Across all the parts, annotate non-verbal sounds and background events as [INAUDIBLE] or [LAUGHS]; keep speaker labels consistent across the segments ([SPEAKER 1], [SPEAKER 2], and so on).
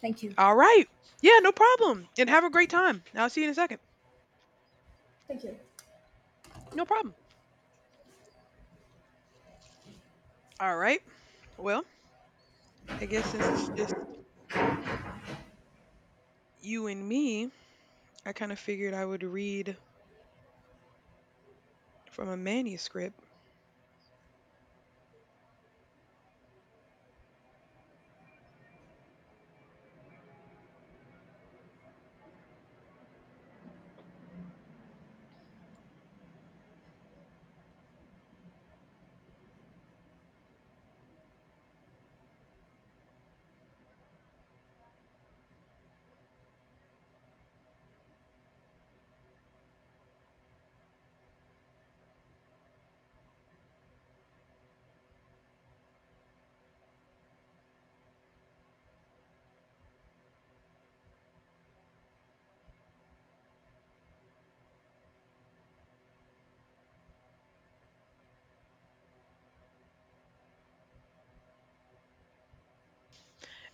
[SPEAKER 1] Thank you.
[SPEAKER 2] All right. Yeah, no problem. And have a great time. I'll see you in a second.
[SPEAKER 1] Thank you.
[SPEAKER 2] No problem. All right. Well, I guess since it's just you and me, I kind of figured I would read from a manuscript.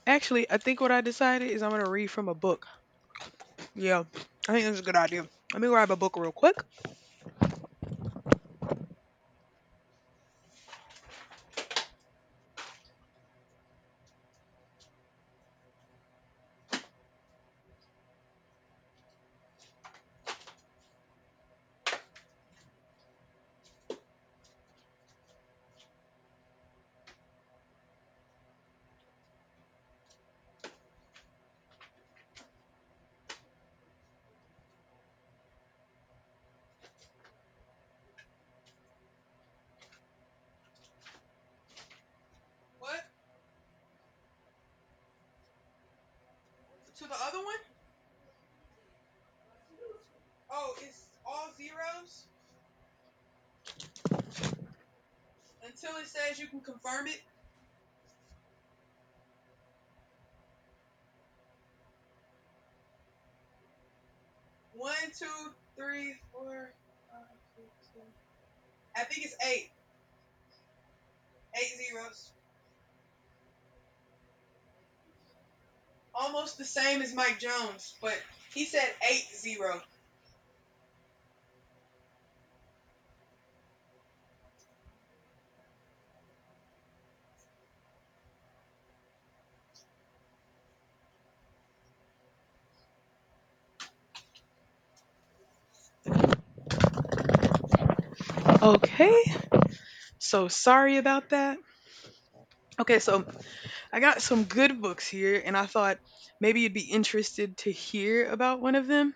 [SPEAKER 2] Actually, I think what I decided is I'm going to read from a book. Yeah, I think that's a good idea. Let me grab a book real quick. Okay. So sorry about that. Okay, so I got some good books here, and I thought maybe you'd be interested to hear about one of them.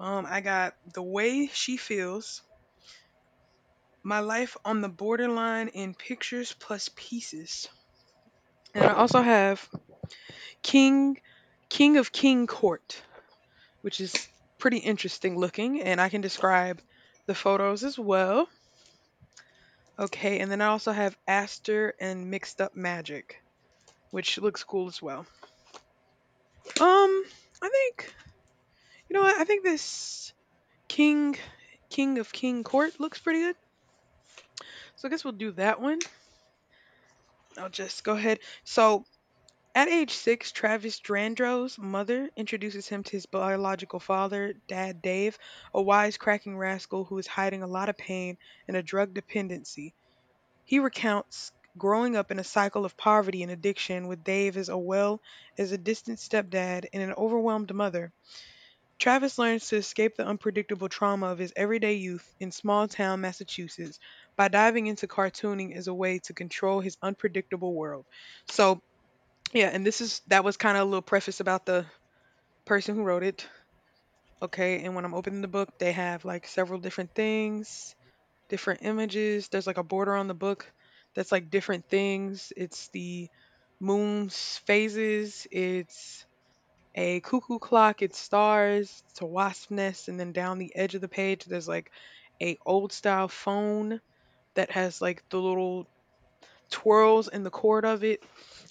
[SPEAKER 2] I got The Way She Feels My Life on the Borderline in Pictures Plus Pieces. And I also have King King of King Court, which is pretty interesting looking, and I can describe the photos as well. Okay, and then I also have Aster and Mixed Up Magic, which looks cool as well. I think you know what? I think this King King of King Court looks pretty good. So I guess we'll do that one. I'll just go ahead. So at age six, Travis Drandro's mother introduces him to his biological father, Dad Dave, a wisecracking rascal who is hiding a lot of pain and a drug dependency. He recounts growing up in a cycle of poverty and addiction with Dave as a well as a distant stepdad and an overwhelmed mother. Travis learns to escape the unpredictable trauma of his everyday youth in small town Massachusetts by diving into cartooning as a way to control his unpredictable world. So yeah, and this is that was kind of a little preface about the person who wrote it. Okay, and when I'm opening the book, they have like several different things, different images. There's like a border on the book that's like different things. It's the moon's phases, it's a cuckoo clock, it's stars, it's a wasp nest, and then down the edge of the page there's like a old style phone that has like the little twirls in the cord of it.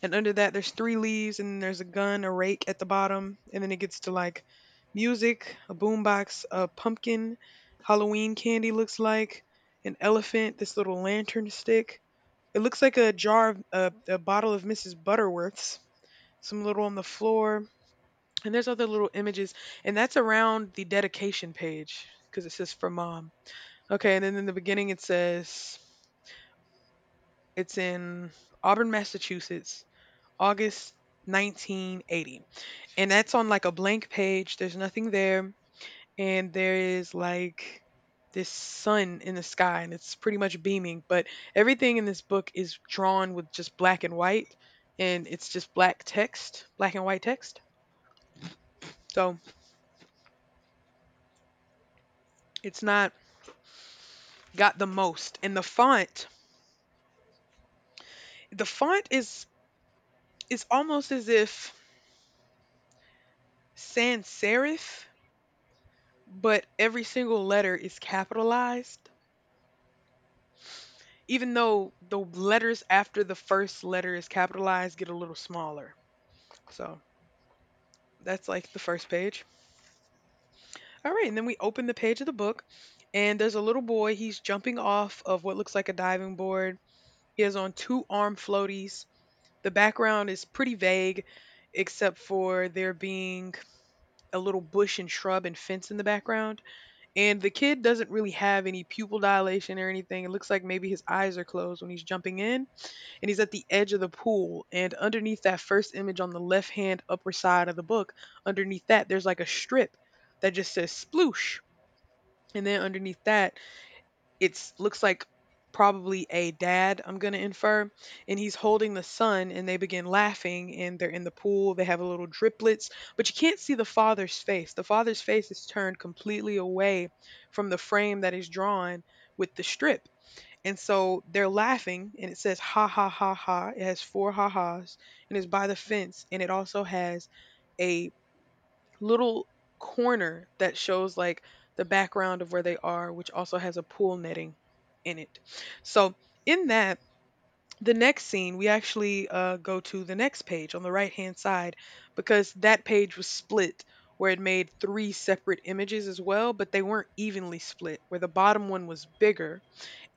[SPEAKER 2] And under that, there's three leaves, and there's a gun, a rake at the bottom. And then it gets to like music, a boombox, a pumpkin, Halloween candy looks like, an elephant, this little lantern stick. It looks like a jar of a bottle of Mrs. Butterworth's, some little on the floor. And there's other little images. And that's around the dedication page because it says for mom. Okay. And then in the beginning, it says it's in Auburn, Massachusetts August 1980. And that's on like a blank page. There's nothing there. And there is like this sun in the sky and it's pretty much beaming. But everything in this book is drawn with just black and white. And it's just black text, black and white text. So it's not got the most. And the font, the font is almost as if sans serif, but every single letter is capitalized even though the letters after the first letter is capitalized get a little smaller. So that's like the first page. All right, and then we open the page of the book, and there's a little boy. He's jumping off of what looks like a diving board. He has on two arm floaties. The background is pretty vague, except for there being a little bush and shrub and fence in the background. And the kid doesn't really have any pupil dilation or anything. It looks like maybe his eyes are closed when he's jumping in and he's at the edge of the pool. And underneath that first image on the left hand upper side of the book, underneath that, there's like a strip that just says sploosh. And then underneath that, it's looks like probably a dad, I'm going to infer. And he's holding the son, and they begin laughing, and they're in the pool. They have a little driplets, but you can't see the father's face. The father's face is turned completely away from the frame that is drawn with the strip. And so they're laughing, and it says ha ha ha ha. It has four ha ha's, and it's by the fence, and it also has a little corner that shows like the background of where they are, which also has a pool netting in it. So in that, the next scene, we actually go to the next page on the right hand side because that page was split where it made three separate images as well, but they weren't evenly split, where the bottom one was bigger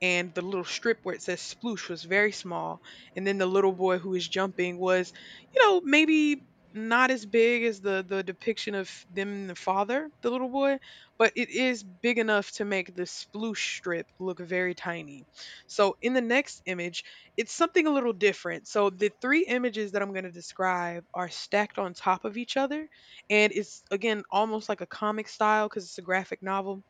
[SPEAKER 2] and the little strip where it says sploosh was very small. And then the little boy who was jumping was, you know, maybe not as big as the depiction of them and the father, the little boy, but it is big enough to make the sploosh strip look very tiny. So in the next image, it's something a little different. So the three images that I'm going to describe are stacked on top of each other, and it's again almost like a comic style cuz it's a graphic novel,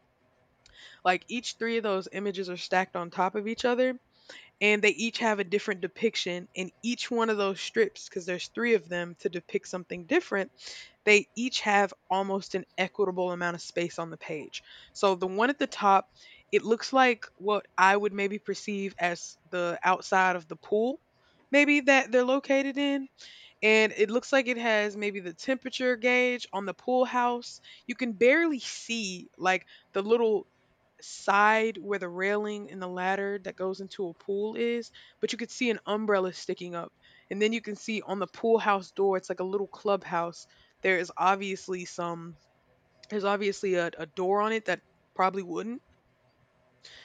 [SPEAKER 2] like each three of those images are stacked on top of each other, and they each have a different depiction, and each one of those strips, because there's three of them, to depict something different, they each have almost an equitable amount of space on the page. So the one at the top, it looks like what I would maybe perceive as the outside of the pool, maybe that they're located in, and it looks like it has maybe the temperature gauge on the pool house. You can barely see like the little side where the railing and the ladder that goes into a pool is, but you could see an umbrella sticking up. And then you can see on the pool house door, it's like a little clubhouse. There is obviously some, there's obviously a door on it that probably wouldn't,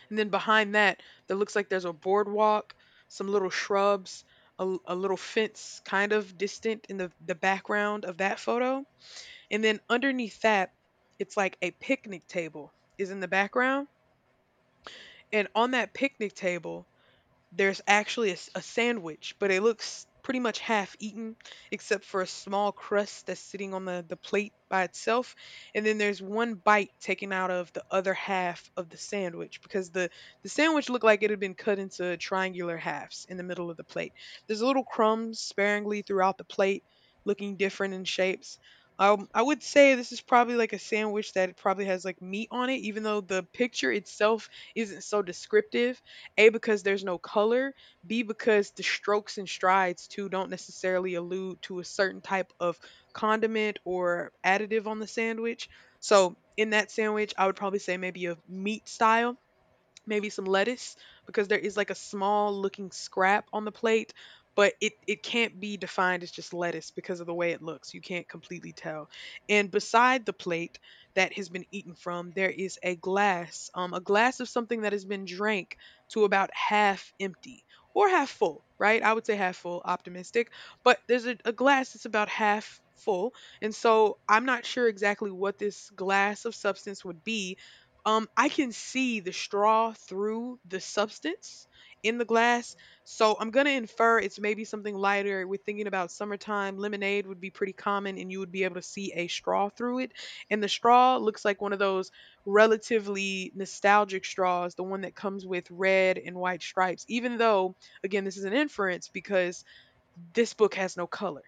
[SPEAKER 2] and then behind that, that looks like there's a boardwalk, some little shrubs, a little fence kind of distant in the background of that photo. And then underneath that, it's like a picnic table is in the background. And on that picnic table, there's actually a sandwich, but it looks pretty much half eaten, except for a small crust that's sitting on the plate by itself. And then there's one bite taken out of the other half of the sandwich because the sandwich looked like it had been cut into triangular halves in the middle of the plate. There's little crumbs sparingly throughout the plate, looking different in shapes. I would say this is probably like a sandwich that probably has like meat on it, even though the picture itself isn't so descriptive. A because there's no color, B because the strokes and strides too don't necessarily allude to a certain type of condiment or additive on the sandwich. So in that sandwich, I would probably say maybe a meat style, maybe some lettuce, because there is like a small looking scrap on the plate, but it can't be defined as just lettuce because of the way it looks. You can't completely tell. And beside the plate that has been eaten from, there is a glass, a glass of something that has been drank to about half empty or half full. Right, I would say half full, optimistic, but there's a glass that's about half full. And so I'm not sure exactly what this glass of substance would be. I can see the straw through the substance in the glass, so I'm gonna infer it's maybe something lighter. We're thinking about summertime. Lemonade would be pretty common, and you would be able to see a straw through it. And the straw looks like one of those relatively nostalgic straws, the one that comes with red and white stripes. Even though, again, this is an inference because this book has no color.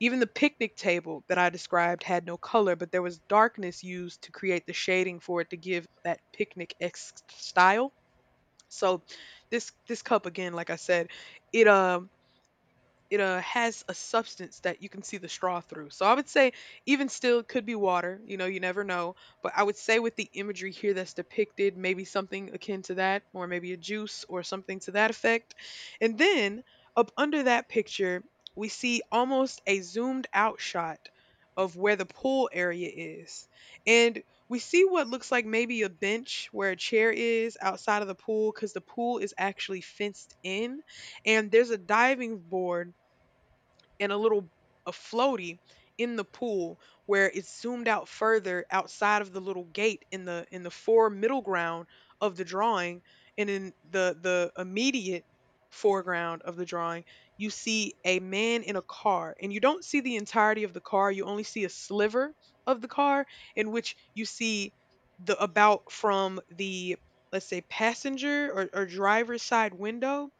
[SPEAKER 2] Even the picnic table that I described had no color, but there was darkness used to create the shading for it to give that picnic esque style. So this cup again, like I said, it it has a substance that you can see the straw through. So I would say, even still, it could be water. You know, you never know. But I would say, with the imagery here that's depicted, maybe something akin to that, or maybe a juice or something to that effect. And then up under that picture, we see almost a zoomed out shot of where the pool area is. And we see what looks like maybe a bench where a chair is outside of the pool because the pool is actually fenced in, and there's a diving board and a floaty in the pool, where it's zoomed out further outside of the little gate in the fore middle ground of the drawing. And in the immediate foreground of the drawing, you see a man in a car, and you don't see the entirety of the car, you only see a sliver of the car, in which you see the about from the, let's say, passenger or driver's side window,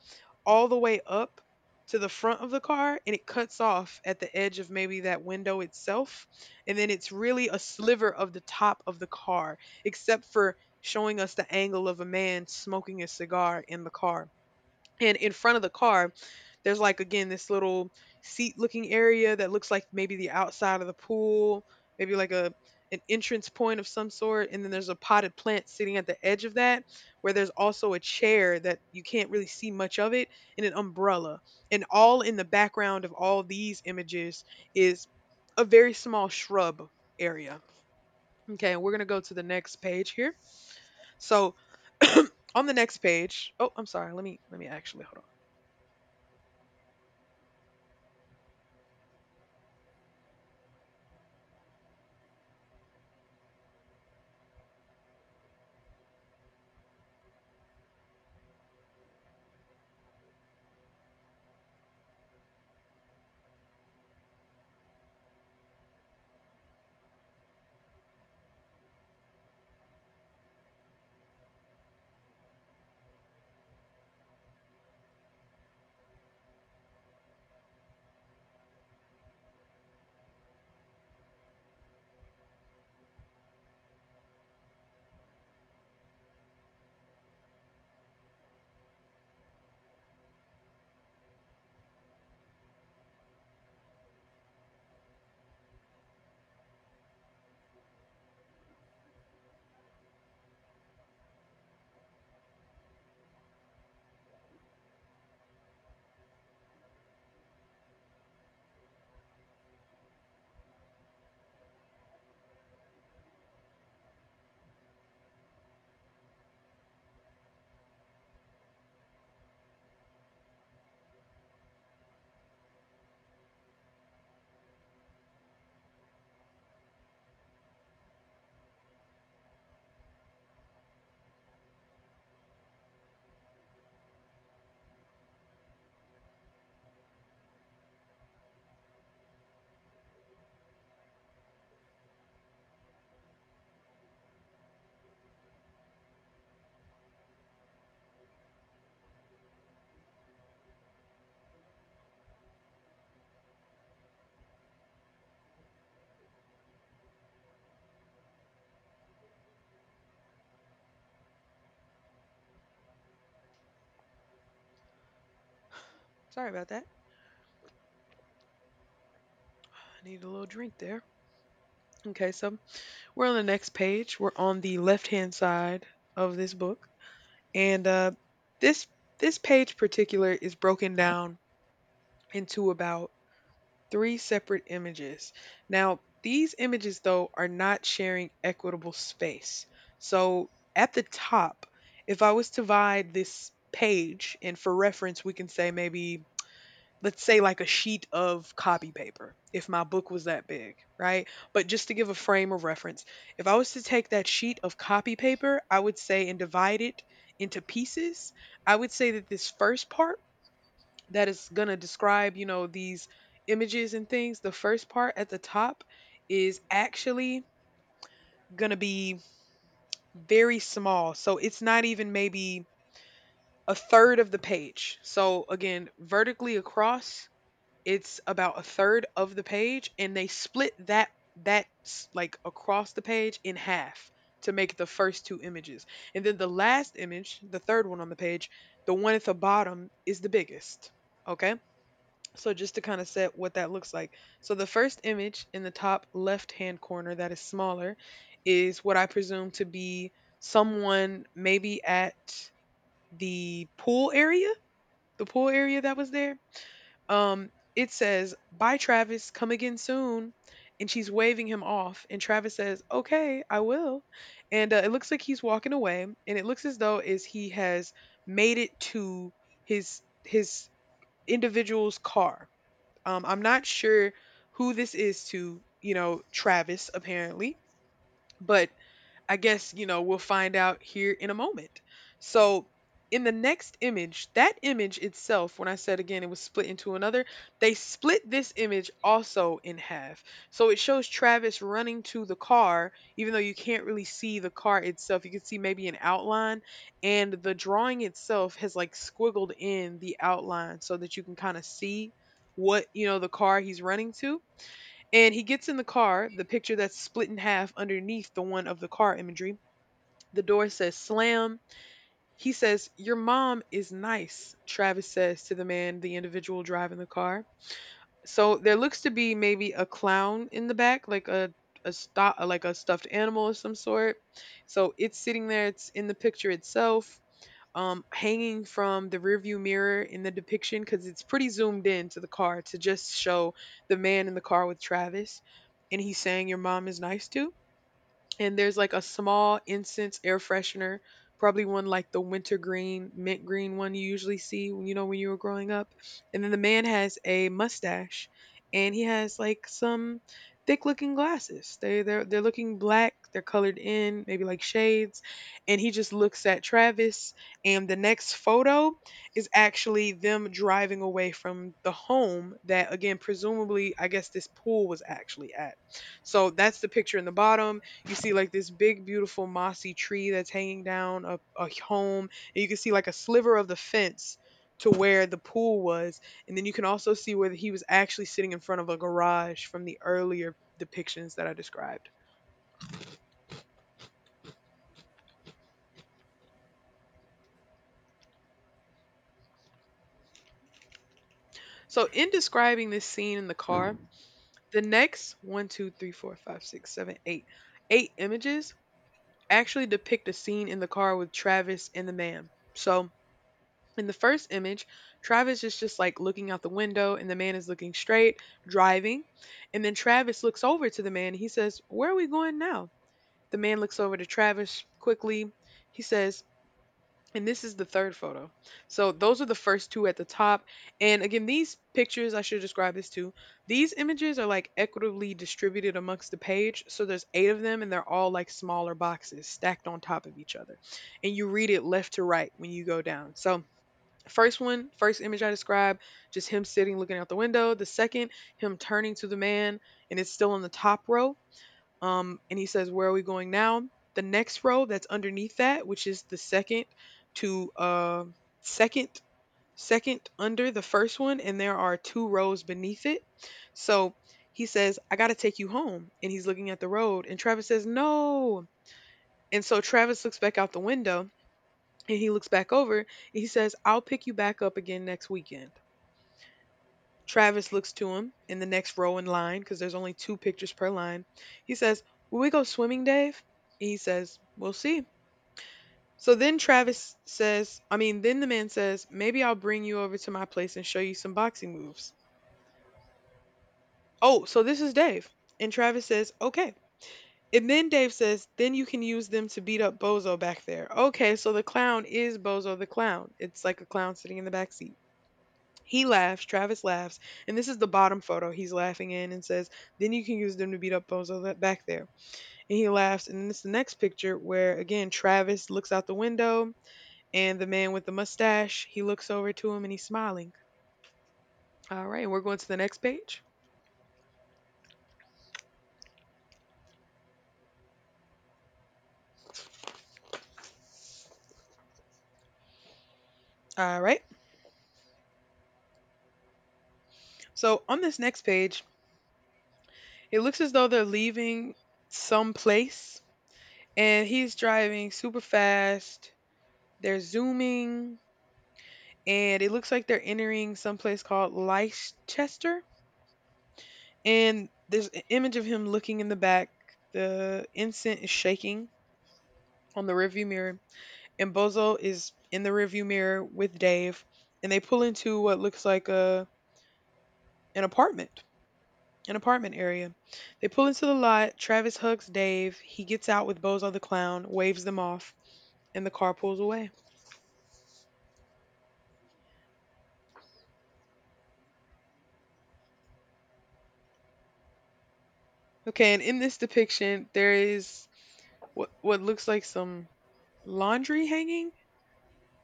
[SPEAKER 2] all the way up to the front of the car, and it cuts off at the edge of maybe that window itself. And then it's really a sliver of the top of the car, except for showing us the angle of a man smoking a cigar in the car. And in front of the car, there's, like, again, this little seat looking area that looks like maybe the outside of the pool, maybe like a an entrance point of some sort, and then there's a potted plant sitting at the edge of that, where there's also a chair that you can't really see much of it, and an umbrella. And all in the background of all these images is a very small shrub area. Okay, we're going to go to the next page here. So [CLEARS THROAT] on the next page, oh, I'm sorry. Let me actually hold on. Sorry about that. I need a little drink there. Okay, so we're on the next page. We're on the left-hand side of this book, and this this page particular is broken down into about three separate images. Now, these images though are not sharing equitable space. So at the top, if I was to divide this page, and for reference, we can say maybe, let's say, like a sheet of copy paper, if my book was that big, right? But just to give a frame of reference, if I was to take that sheet of copy paper, I would say, and divide it into pieces, I would say that this first part, that is going to describe, you know, these images and things, the first part at the top is actually going to be very small, so it's not even maybe a third of the page. So again, vertically across, it's about a third of the page, and they split that, like across the page in half to make the first two images. And then the last image, the third one on the page, the one at the bottom, is the biggest. Okay, so just to kind of set what that looks like. So the first image in the top left hand corner, that is smaller, is what I presume to be someone maybe at the pool area, the pool area that was there. It says, "Bye, Travis, come again soon." And she's waving him off. And Travis says, "Okay, I will." And it looks like he's walking away. And it looks as though is he has made it to his individual's car. I'm not sure who this is to, you know, Travis apparently, but I guess, you know, we'll find out here in a moment. So, in the next image, that image itself, when I said again it was split into another, they split this image also in half. So it shows Travis running to the car, even though you can't really see the car itself. You can see maybe an outline, and the drawing itself has, like, squiggled in the outline, so that you can kind of see what, you know, the car he's running to. And he gets in the car, the picture that's split in half underneath the one of the car imagery. The door says "slam." He says, "Your mom is nice," Travis says to the man, the individual driving the car. So there looks to be maybe a clown in the back, like a like a stuffed animal of some sort. So it's sitting there. It's in the picture itself, hanging from the rearview mirror in the depiction, because it's pretty zoomed in to the car to just show the man in the car with Travis, and he's saying, "Your mom is nice too." And there's like a small incense air freshener, probably one like the wintergreen, mint green one you usually see when, you know, when you were growing up. And then the man has a mustache and he has like some thick looking glasses. They're looking black, they're colored in, maybe like shades. And he just looks at Travis, and the next photo is actually them driving away from the home that again presumably I guess this pool was actually at. So that's the picture in the bottom. You see like this big, beautiful mossy tree that's hanging down a home, and you can see like a sliver of the fence to where the pool was, and then you can also see where he was actually sitting in front of a garage from the earlier depictions that I described. So, in describing this scene in the car, the next one, two, three, four, five, six, seven, eight, eight images actually depict a scene in the car with Travis and the man. So, in the first image, Travis is just like looking out the window and the man is looking straight, driving. And then Travis looks over to the man and he says, "Where are we going now?" The man looks over to Travis quickly. He says, and this is the third photo. So those are the first two at the top. And again, these pictures, I should describe this too. These images are, like, equitably distributed amongst the page. So there's eight of them and they're all, like, smaller boxes stacked on top of each other. And you read it left to right when you go down. So the first one, first image I described, just him sitting looking out the window. The second, him turning to the man, and it's still in the top row. And he says, "Where are we going now?" The next row that's underneath that, which is the second to second second under the first one, and there are two rows beneath it. So he says, "I got to take you home," and he's looking at the road, and Travis says, "No." And so Travis looks back out the window, and he looks back over, and he says, "I'll pick you back up again next weekend." Travis looks to him in the next row in line, because there's only two pictures per line. He says, "Will we go swimming, Dave?" He says, "We'll see." So then Travis says, I mean, then the man says, "Maybe I'll bring you over to my place and show you some boxing moves." Oh, so this is Dave. And Travis says, "Okay." And then Dave says, "Then you can use them to beat up Bozo back there." Okay, so the clown is Bozo the clown. It's like a clown sitting in the back seat. He laughs, Travis laughs, and this is the bottom photo he's laughing in, and says, "Then you can use them to beat up Bozo that back there." And he laughs, and then it's the next picture where again Travis looks out the window, and the man with the mustache, he looks over to him and he's smiling. All right, we're going to the next page. All right. So on this next page, it looks as though they're leaving some place and he's driving super fast. They're zooming, and it looks like they're entering some place called Leicester. And there's an image of him looking in the back. The ensign is shaking on the rearview mirror, and Bozo is in the rearview mirror with Dave, and they pull into what looks like a an apartment, an apartment area. They pull into the lot. Travis hugs Dave. He gets out with Bozo the clown, waves them off, and the car pulls away. Okay, and in this depiction, there is what looks like some laundry hanging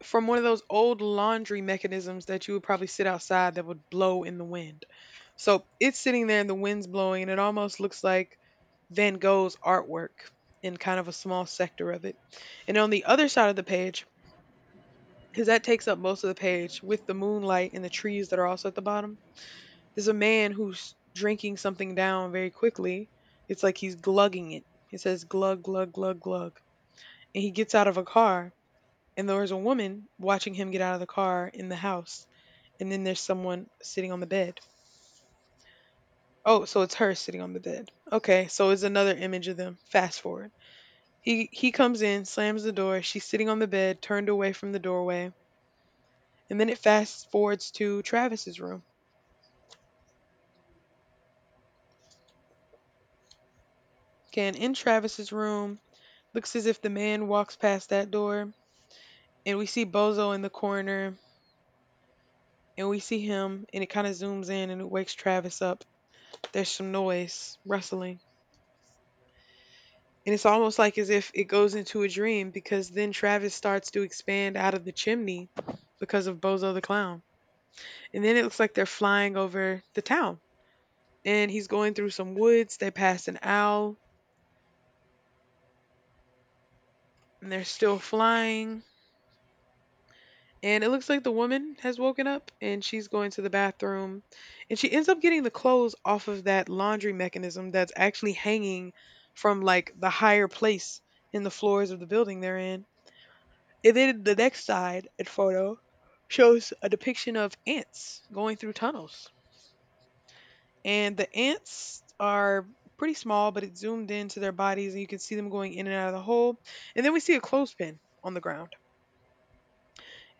[SPEAKER 2] from one of those old laundry mechanisms that you would probably sit outside that would blow in the wind. So it's sitting there and the wind's blowing, and it almost looks like Van Gogh's artwork in kind of a small sector of it. And on the other side of the page, because that takes up most of the page with the moonlight and the trees that are also at the bottom, there's a man who's drinking something down very quickly. It's like he's glugging it. It says, "Glug, glug, glug, glug." And he gets out of a car, and there's a woman watching him get out of the car in the house, and then there's someone sitting on the bed. Oh, so it's her sitting on the bed. Okay, so it's another image of them. Fast forward. He comes in, slams the door. She's sitting on the bed, turned away from the doorway, and then it fast forwards to Travis's room. Okay, and in Travis's room, looks as if the man walks past that door, and we see Bozo in the corner, and we see him, and it kind of zooms in and it wakes Travis up. There's some noise, rustling. And it's almost like as if it goes into a dream because then Travis starts to expand out of the chimney because of Bozo the Clown. And then it looks like they're flying over the town. And he's going through some woods. They pass an owl and they're still flying. And it looks like the woman has woken up and she's going to the bathroom. And she ends up getting the clothes off of that laundry mechanism that's actually hanging from like the higher place in the floors of the building they're in. And then the next side and photo shows a depiction of ants going through tunnels. And the ants are pretty small, but it's zoomed into their bodies and you can see them going in and out of the hole. And then we see a clothespin on the ground.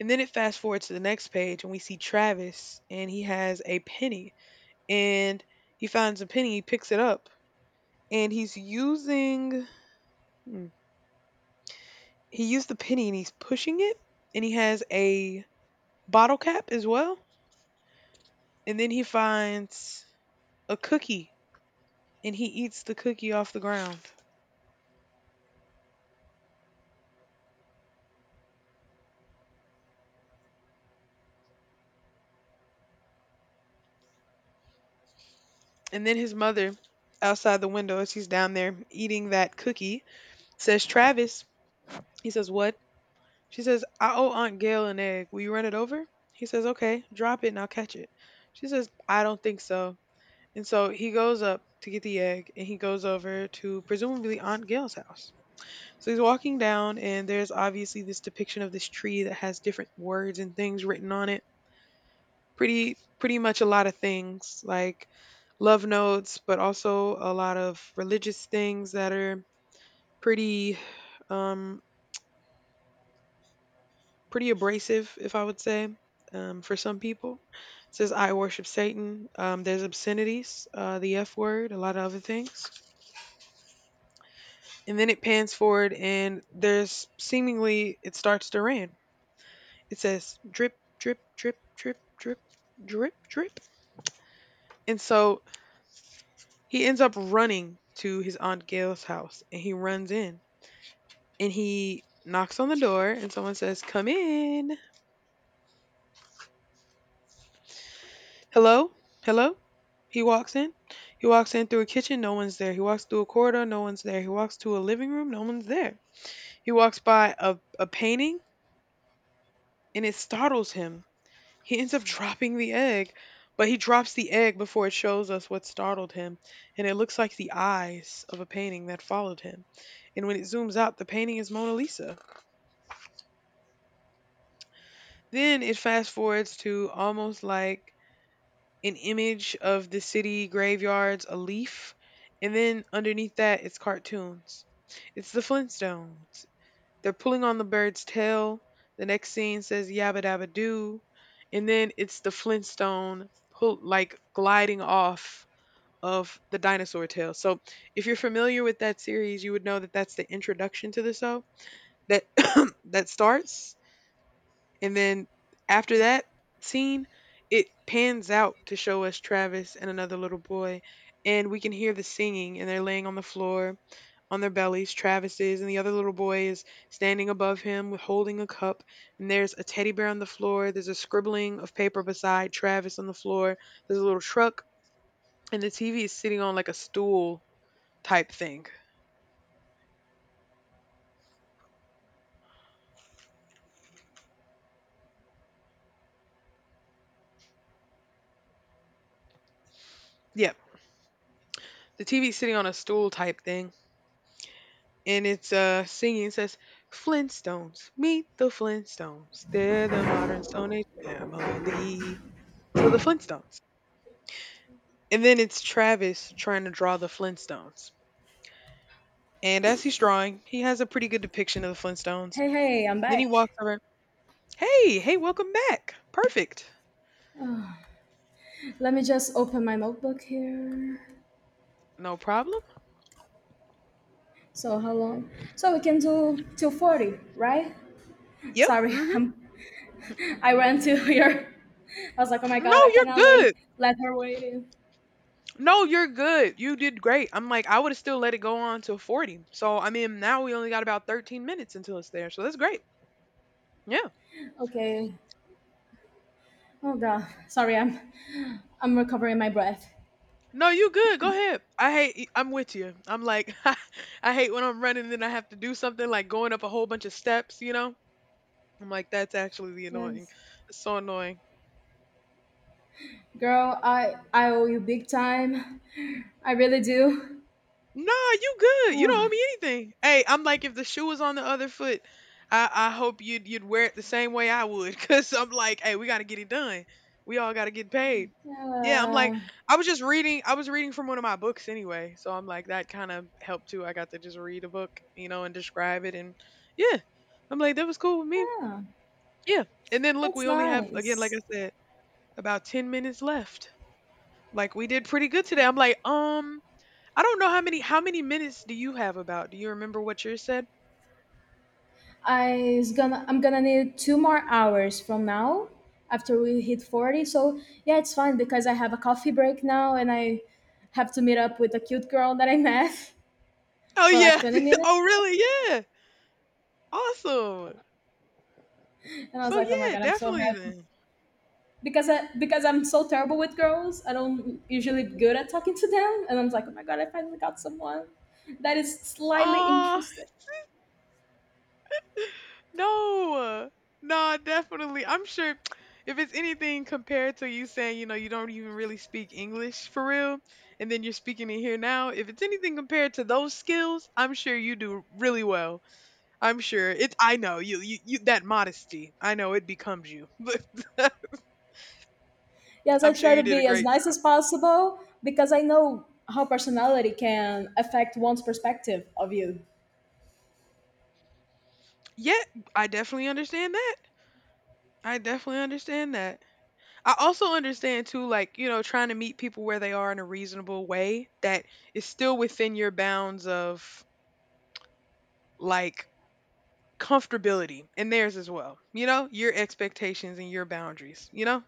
[SPEAKER 2] And then it fast forwards to the next page and we see Travis and he has a penny and he finds a penny, he picks it up and he's using hmm, he used the penny and he's pushing it and he has a bottle cap as well. And then he finds a cookie and he eats the cookie off the ground. And then his mother, outside the window, as he's down there eating that cookie, says, Travis, he says, What? She says, I owe Aunt Gail an egg. Will you run it over? He says, Okay, drop it and I'll catch it. She says, I don't think so. And so he goes up to get the egg and he goes over to presumably Aunt Gail's house. So he's walking down and there's obviously this depiction of this tree that has different words and things written on it pretty much a lot of things like love notes, but also a lot of religious things that are pretty um pretty abrasive, if I would say. For some people, it says I worship Satan. There's obscenities, the F word, a lot of other things, and then it pans forward, and there's seemingly it starts to rain. It says drip, drip, drip, drip, drip, drip, drip, and so he ends up running to his Aunt Gail's house and he runs in and he knocks on the door and someone says, Come in. Hello? Hello? He walks in. He walks in through a kitchen, no one's there. He walks through a corridor, no one's there. He walks to a living room, no one's there. He walks by a painting and it startles him. He ends up [LAUGHS] dropping the egg, but he drops the egg before it shows us what startled him. And it looks like the eyes of a painting that followed him. And when it zooms out, the painting is Mona Lisa. Then it fast forwards to almost like an image of the city graveyards, a leaf, and then underneath that it's cartoons. It's the Flintstones. They're pulling on the bird's tail. The next scene says yabba dabba doo, and then it's the Flintstone pull like gliding off of the dinosaur tail. So if you're familiar with that series, you would know that that's the introduction to the show that [COUGHS] that starts and then after that scene, it pans out to show us Travis and another little boy, and we can hear the singing, and they're laying on the floor on their bellies. Travis is, and the other little boy is standing above him with holding a cup, and there's a teddy bear on the floor. There's a scribbling of paper beside Travis on the floor. There's a little truck, and the TV is sitting on like a stool type thing. Yep, the TV is sitting on a stool type thing and it's singing it says Flintstones, meet the Flintstones. They're the modern Stone Age family. So the Flintstones. And then it's Travis trying to draw the Flintstones. And as he's drawing, he has a pretty good depiction of the Flintstones.
[SPEAKER 1] Hey, hey, I'm
[SPEAKER 2] Then he walks
[SPEAKER 1] back.
[SPEAKER 2] over. Hey, hey, welcome back. Perfect.
[SPEAKER 1] Let me just open my notebook here.
[SPEAKER 2] No problem.
[SPEAKER 1] So how long? So we can do till 40, right?
[SPEAKER 2] Yep.
[SPEAKER 1] Sorry, [LAUGHS] I'm. I ran to [LAUGHS] here. I was like, oh my
[SPEAKER 2] Mm-hmm. No,
[SPEAKER 1] god, I
[SPEAKER 2] you're
[SPEAKER 1] cannot like
[SPEAKER 2] good.
[SPEAKER 1] let her wait. In.
[SPEAKER 2] No, you're good. You did great. I'm like, I would have still let it go on till 40. So, I mean, now we only got about 13 minutes until it's there. So that's great. Yeah.
[SPEAKER 1] Okay. Oh god, sorry, I'm. I'm recovering my breath.
[SPEAKER 2] No, you good. Go ahead. I hate. I'm with you. I'm like, [LAUGHS] I hate when I'm running and I have to do something like going up a whole bunch of steps. You know, I'm like, that's actually the annoying.
[SPEAKER 1] Yes,
[SPEAKER 2] It's so annoying.
[SPEAKER 1] girl, I owe you big time. I really do.
[SPEAKER 2] Nah, you good. You don't owe
[SPEAKER 1] Oh,
[SPEAKER 2] me anything. Hey, I'm like if the shoe was on the other foot, I hope you'd wear it the same way I would, [LAUGHS] cause I'm like, hey, we gotta get it done. We all gotta get paid. Yeah, I'm like,
[SPEAKER 1] yeah,
[SPEAKER 2] I was just reading. I was reading from one of my books anyway, so I'm like that kind of helped too. I got to just read a book, you know, and describe it, and yeah, I'm like that was cool with me.
[SPEAKER 1] yeah.
[SPEAKER 2] Yeah, and then look,
[SPEAKER 1] That's
[SPEAKER 2] we only have again, like
[SPEAKER 1] nice.
[SPEAKER 2] I said, about 10 minutes left. Like we did pretty good today. I'm like, I don't know how many minutes do you have about? Do you remember what yours said?
[SPEAKER 1] I'm gonna need two more hours from now after we hit 40. So yeah, it's fine because I have a coffee break now, and I have to meet up with a cute girl that I met [LAUGHS]
[SPEAKER 2] Oh
[SPEAKER 1] for like
[SPEAKER 2] yeah.
[SPEAKER 1] 20
[SPEAKER 2] [LAUGHS]
[SPEAKER 1] minutes.
[SPEAKER 2] oh really? Yeah. Awesome.
[SPEAKER 1] And I was
[SPEAKER 2] So
[SPEAKER 1] like, oh my
[SPEAKER 2] yeah,
[SPEAKER 1] god, I'm so
[SPEAKER 2] definitely
[SPEAKER 1] happy
[SPEAKER 2] then.
[SPEAKER 1] because I'm so terrible with girls. I don't usually good at talking to them. And I was like, oh my god, I finally got someone that is slightly
[SPEAKER 2] Ah,
[SPEAKER 1] interested.
[SPEAKER 2] [SIGHS] [LAUGHS] No. No, definitely. I'm sure [TSK] if it's anything compared to you saying, you know, you don't even really speak English for real, and then you're speaking it here now, if it's anything compared to those skills, I'm sure you do really well. I'm sure it's. I know you. You, that modesty. I know it becomes you. [LAUGHS] But
[SPEAKER 1] Yes, I
[SPEAKER 2] I'm sure
[SPEAKER 1] try
[SPEAKER 2] you
[SPEAKER 1] to
[SPEAKER 2] did a
[SPEAKER 1] be as
[SPEAKER 2] great
[SPEAKER 1] nice
[SPEAKER 2] job.
[SPEAKER 1] as possible because I know how personality can affect one's perspective of you.
[SPEAKER 2] Yeah, I definitely understand that. I definitely understand that. I also understand too, like, you know, trying to meet people where they are in a reasonable way that is still within your bounds of like comfortability and theirs as well. You know, your expectations and your boundaries. You know,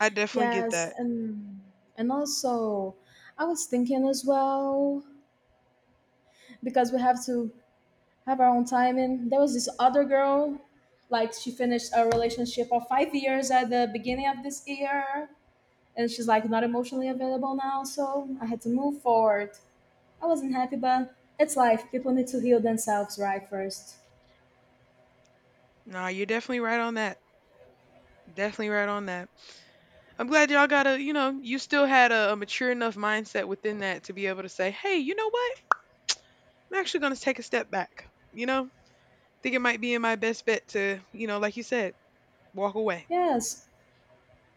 [SPEAKER 2] I definitely get
[SPEAKER 1] Yes,
[SPEAKER 2] that.
[SPEAKER 1] and and also, I was thinking as well, because we have to have our own timing. There was this other girl, like she finished a relationship of 5 years at the beginning of this year, and she's like not emotionally available now. So I had to move forward. I wasn't happy, but it's life. People need to heal themselves, right? First.
[SPEAKER 2] Nah, you're definitely right on that. Definitely right on that. I'm glad y'all got you know, you still had a mature enough mindset within that to be able to say, hey, you know what? I'm actually going to take a step back. You know, think it might be in my best bet to, you know, like you said, walk away.
[SPEAKER 1] Yes,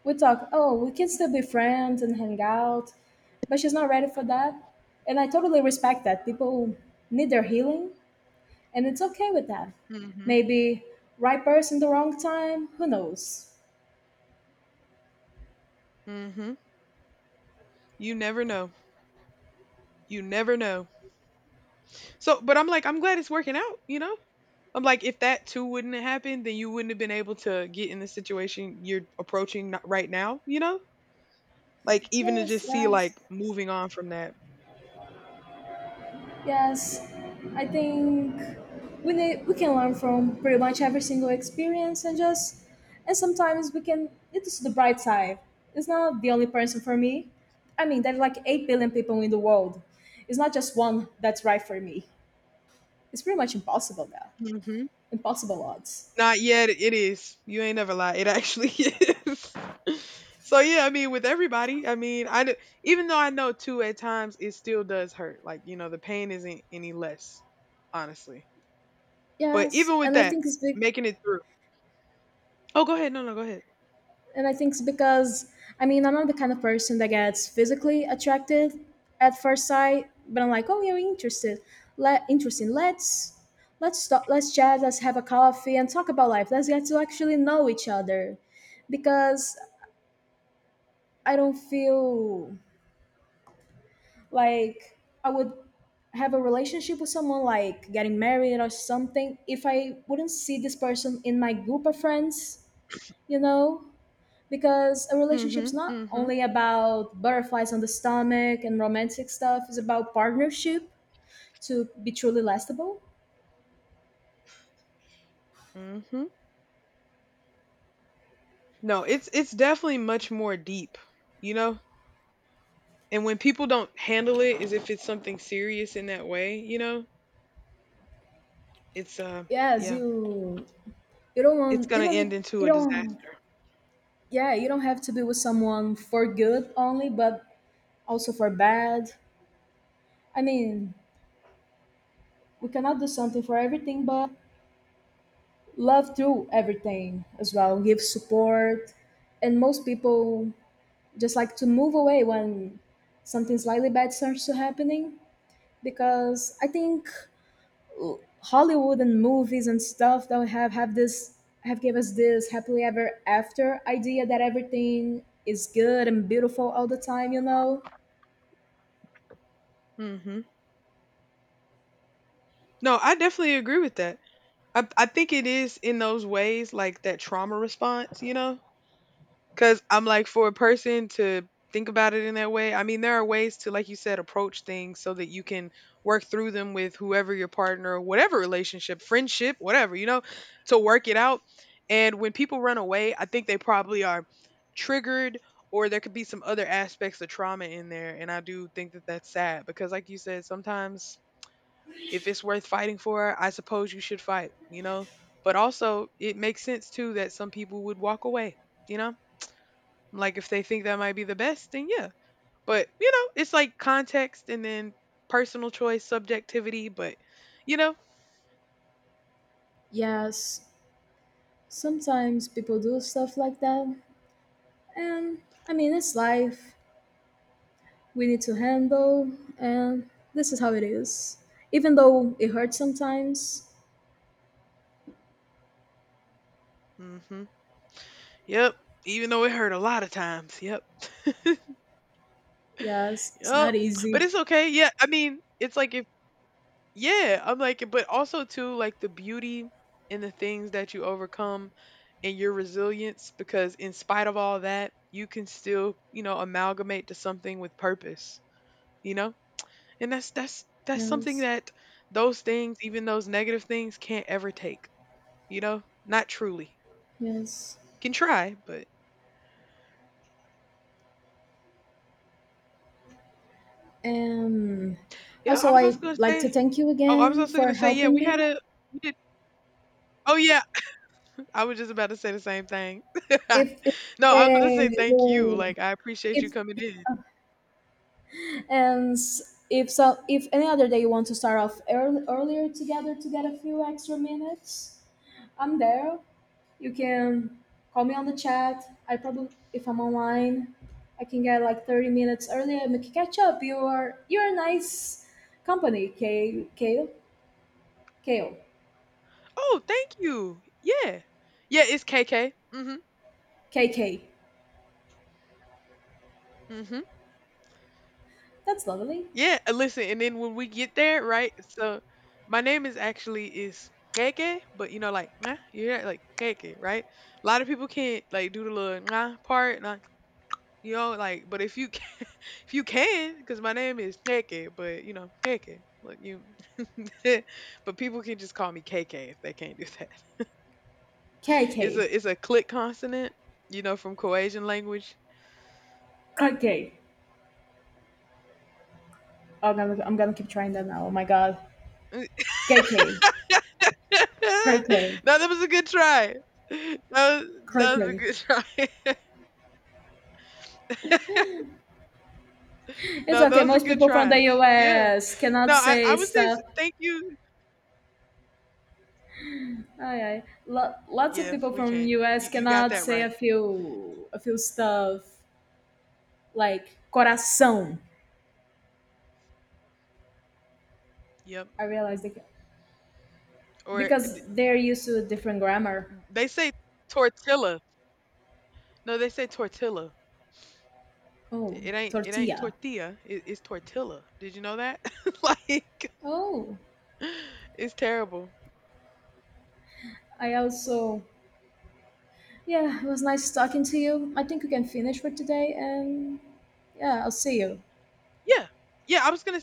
[SPEAKER 1] we talk, oh, we can still be friends and hang out, but she's not ready for that, and I totally respect that people need their healing, and it's okay with that.
[SPEAKER 2] Mm hmm
[SPEAKER 1] Maybe right person, the wrong time, who knows?
[SPEAKER 2] mm hmm You never know. You never know. So, but I'm like, I'm glad it's working out, you know? I'm like, if that too wouldn't have happened, then you wouldn't have been able to get in the situation you're approaching right now, you know? Like, even to
[SPEAKER 1] yes
[SPEAKER 2] just see, like,
[SPEAKER 1] yes
[SPEAKER 2] moving on from that.
[SPEAKER 1] Yes, I think we can learn from pretty much every single experience, and just and sometimes we can, it is the bright side. It's not the only person for me. I mean, there are like 8 billion people in the world. It's not just one that's right for me. It's pretty much impossible now. Impossible odds.
[SPEAKER 2] Not yet. It is. You ain't never lie. It actually [LAUGHS] is. So yeah, I mean, with everybody, I mean, even though I know too, at times it still does hurt. Like you know, the pain isn't any less, honestly. But
[SPEAKER 1] Yes,
[SPEAKER 2] even with
[SPEAKER 1] and I
[SPEAKER 2] that,
[SPEAKER 1] think it's big.
[SPEAKER 2] making it through. Oh, go ahead. No, no, go ahead.
[SPEAKER 1] And I think it's because, I mean, I'm not the kind of person that gets physically attracted at first sight, but I'm like, oh, you're interested. Let interesting. Let's stop. Let's chat. Let's have a coffee and talk about life. Let's get to actually know each other, because I don't feel like I would have a relationship with someone like getting married or something if I wouldn't see this person in my group of friends. You know, because a relationship's
[SPEAKER 2] Mhm.
[SPEAKER 1] not
[SPEAKER 2] Mhm.
[SPEAKER 1] only about butterflies on the stomach and romantic stuff, it's about partnership, to be truly lastable.
[SPEAKER 2] Mhm. No, it's definitely much more deep, you know. And when people don't handle it as if it's something serious in that way, you know, it's
[SPEAKER 1] Yes
[SPEAKER 2] yeah,
[SPEAKER 1] you you don't want
[SPEAKER 2] it's
[SPEAKER 1] you
[SPEAKER 2] gonna
[SPEAKER 1] don't need
[SPEAKER 2] end into
[SPEAKER 1] you
[SPEAKER 2] a
[SPEAKER 1] don't
[SPEAKER 2] disaster.
[SPEAKER 1] Yeah, you don't have to be with someone for good only, but also for bad. I mean, we cannot do something for everything, but love through everything as well, give support. And most people just like to move away when something slightly bad starts to happening, because I think Hollywood and movies and stuff that we have this have give us this happily ever after idea that everything is good and beautiful all the time, you know?
[SPEAKER 2] Mhm. No, I definitely agree with that. I think it is in those ways like that trauma response, you know? Cuz I'm like for a person to think about it in that way. I mean, there are ways to like you said approach things so that you can work through them with whoever your partner, whatever relationship, friendship, whatever, you know, to work it out. And when people run away, I think they probably are triggered or there could be some other aspects of trauma in there and I do think that that's sad because like you said sometimes if it's worth fighting for, I suppose you should fight, you know? But also, it makes sense too that some people would walk away, you know? Like if they think that might be the best, then yeah. But, you know, it's like context and then personal choice, subjectivity, but, you know,
[SPEAKER 1] Yes, sometimes people do stuff like that, and I mean it's life we need to handle, and this is how it is. Even though it hurts sometimes,
[SPEAKER 2] hmm yep. Even though it hurt a lot of times, yep.
[SPEAKER 1] yes,
[SPEAKER 2] [LAUGHS]
[SPEAKER 1] it's
[SPEAKER 2] yep.
[SPEAKER 1] not
[SPEAKER 2] But
[SPEAKER 1] easy.
[SPEAKER 2] it's okay. Yeah. I mean, it's like if yeah, I'm like, but also too, like the beauty in the things that you overcome and your resilience, because in spite of all that, you can still, you know, amalgamate to something with purpose, you know? And that's something
[SPEAKER 1] Yes,
[SPEAKER 2] that those things, even those negative things, can't ever take, you know? Not truly.
[SPEAKER 1] yes.
[SPEAKER 2] Can try, but
[SPEAKER 1] Um,
[SPEAKER 2] yeah, I
[SPEAKER 1] Also,
[SPEAKER 2] was also
[SPEAKER 1] I'd
[SPEAKER 2] gonna
[SPEAKER 1] like to
[SPEAKER 2] say
[SPEAKER 1] thank you
[SPEAKER 2] oh, I was
[SPEAKER 1] again
[SPEAKER 2] also
[SPEAKER 1] for
[SPEAKER 2] gonna say, yeah,
[SPEAKER 1] helping
[SPEAKER 2] we had
[SPEAKER 1] me.
[SPEAKER 2] a we did oh yeah, I was just about to say the same thing.
[SPEAKER 1] If
[SPEAKER 2] [LAUGHS] No, I was gonna say
[SPEAKER 1] they,
[SPEAKER 2] thank you.
[SPEAKER 1] you
[SPEAKER 2] Like I appreciate
[SPEAKER 1] if
[SPEAKER 2] you coming in.
[SPEAKER 1] and s- if so, If any other day you want to start off earlier together to get a few extra minutes, I'm there. You can call me on the chat. I probably if I'm online, I can get like 30 minutes earlier and we can catch up. You're a nice company, K Kale Kale
[SPEAKER 2] Oh, thank you. Yeah. Yeah, it's KK. Mhm.
[SPEAKER 1] KK.
[SPEAKER 2] Mhm.
[SPEAKER 1] That's lovely.
[SPEAKER 2] Yeah, listen, and then when we get there, right? So my name is actually is KK, but you know like, "Mwah," yeah, like KK, right? A lot of people can't like do the little nah part, nah. You know, like but if you [LAUGHS] if you can cuz my name is KK, but you know, KK. Like you [LAUGHS] but people can just call me KK if they can't do that. [LAUGHS]
[SPEAKER 1] K
[SPEAKER 2] It's
[SPEAKER 1] K.
[SPEAKER 2] a it's a click consonant, you know, from Croatian language.
[SPEAKER 1] Croquet. Oh, I'm gonna keep trying that now. Oh my god. KK.
[SPEAKER 2] [LAUGHS]
[SPEAKER 1] Croquet.
[SPEAKER 2] No, that was a good try. That was, that was a
[SPEAKER 1] Croquet.
[SPEAKER 2] good try. [LAUGHS]
[SPEAKER 1] It's
[SPEAKER 2] No,
[SPEAKER 1] okay.
[SPEAKER 2] those are
[SPEAKER 1] Most
[SPEAKER 2] good
[SPEAKER 1] people from the
[SPEAKER 2] tries. Yeah.
[SPEAKER 1] US
[SPEAKER 2] No,
[SPEAKER 1] cannot
[SPEAKER 2] I
[SPEAKER 1] say
[SPEAKER 2] would say
[SPEAKER 1] stuff.
[SPEAKER 2] thank you.
[SPEAKER 1] Aye, aye. Lots of
[SPEAKER 2] Yeah,
[SPEAKER 1] people
[SPEAKER 2] we
[SPEAKER 1] from
[SPEAKER 2] can't.
[SPEAKER 1] US
[SPEAKER 2] You got
[SPEAKER 1] cannot
[SPEAKER 2] that
[SPEAKER 1] say
[SPEAKER 2] right.
[SPEAKER 1] a few stuff like coração.
[SPEAKER 2] Yep.
[SPEAKER 1] I realized they,
[SPEAKER 2] Or
[SPEAKER 1] because they're used to a different grammar.
[SPEAKER 2] they say tortilla. No, they say tortilla.
[SPEAKER 1] Oh,
[SPEAKER 2] It ain't
[SPEAKER 1] tortilla.
[SPEAKER 2] tortilla. It's tortilla. Did you know that? [LAUGHS] like,
[SPEAKER 1] Oh,
[SPEAKER 2] it's terrible.
[SPEAKER 1] I also yeah. It was nice talking to you. I think we can finish for today, and yeah, I'll see you.
[SPEAKER 2] Yeah. Yeah, I was gonna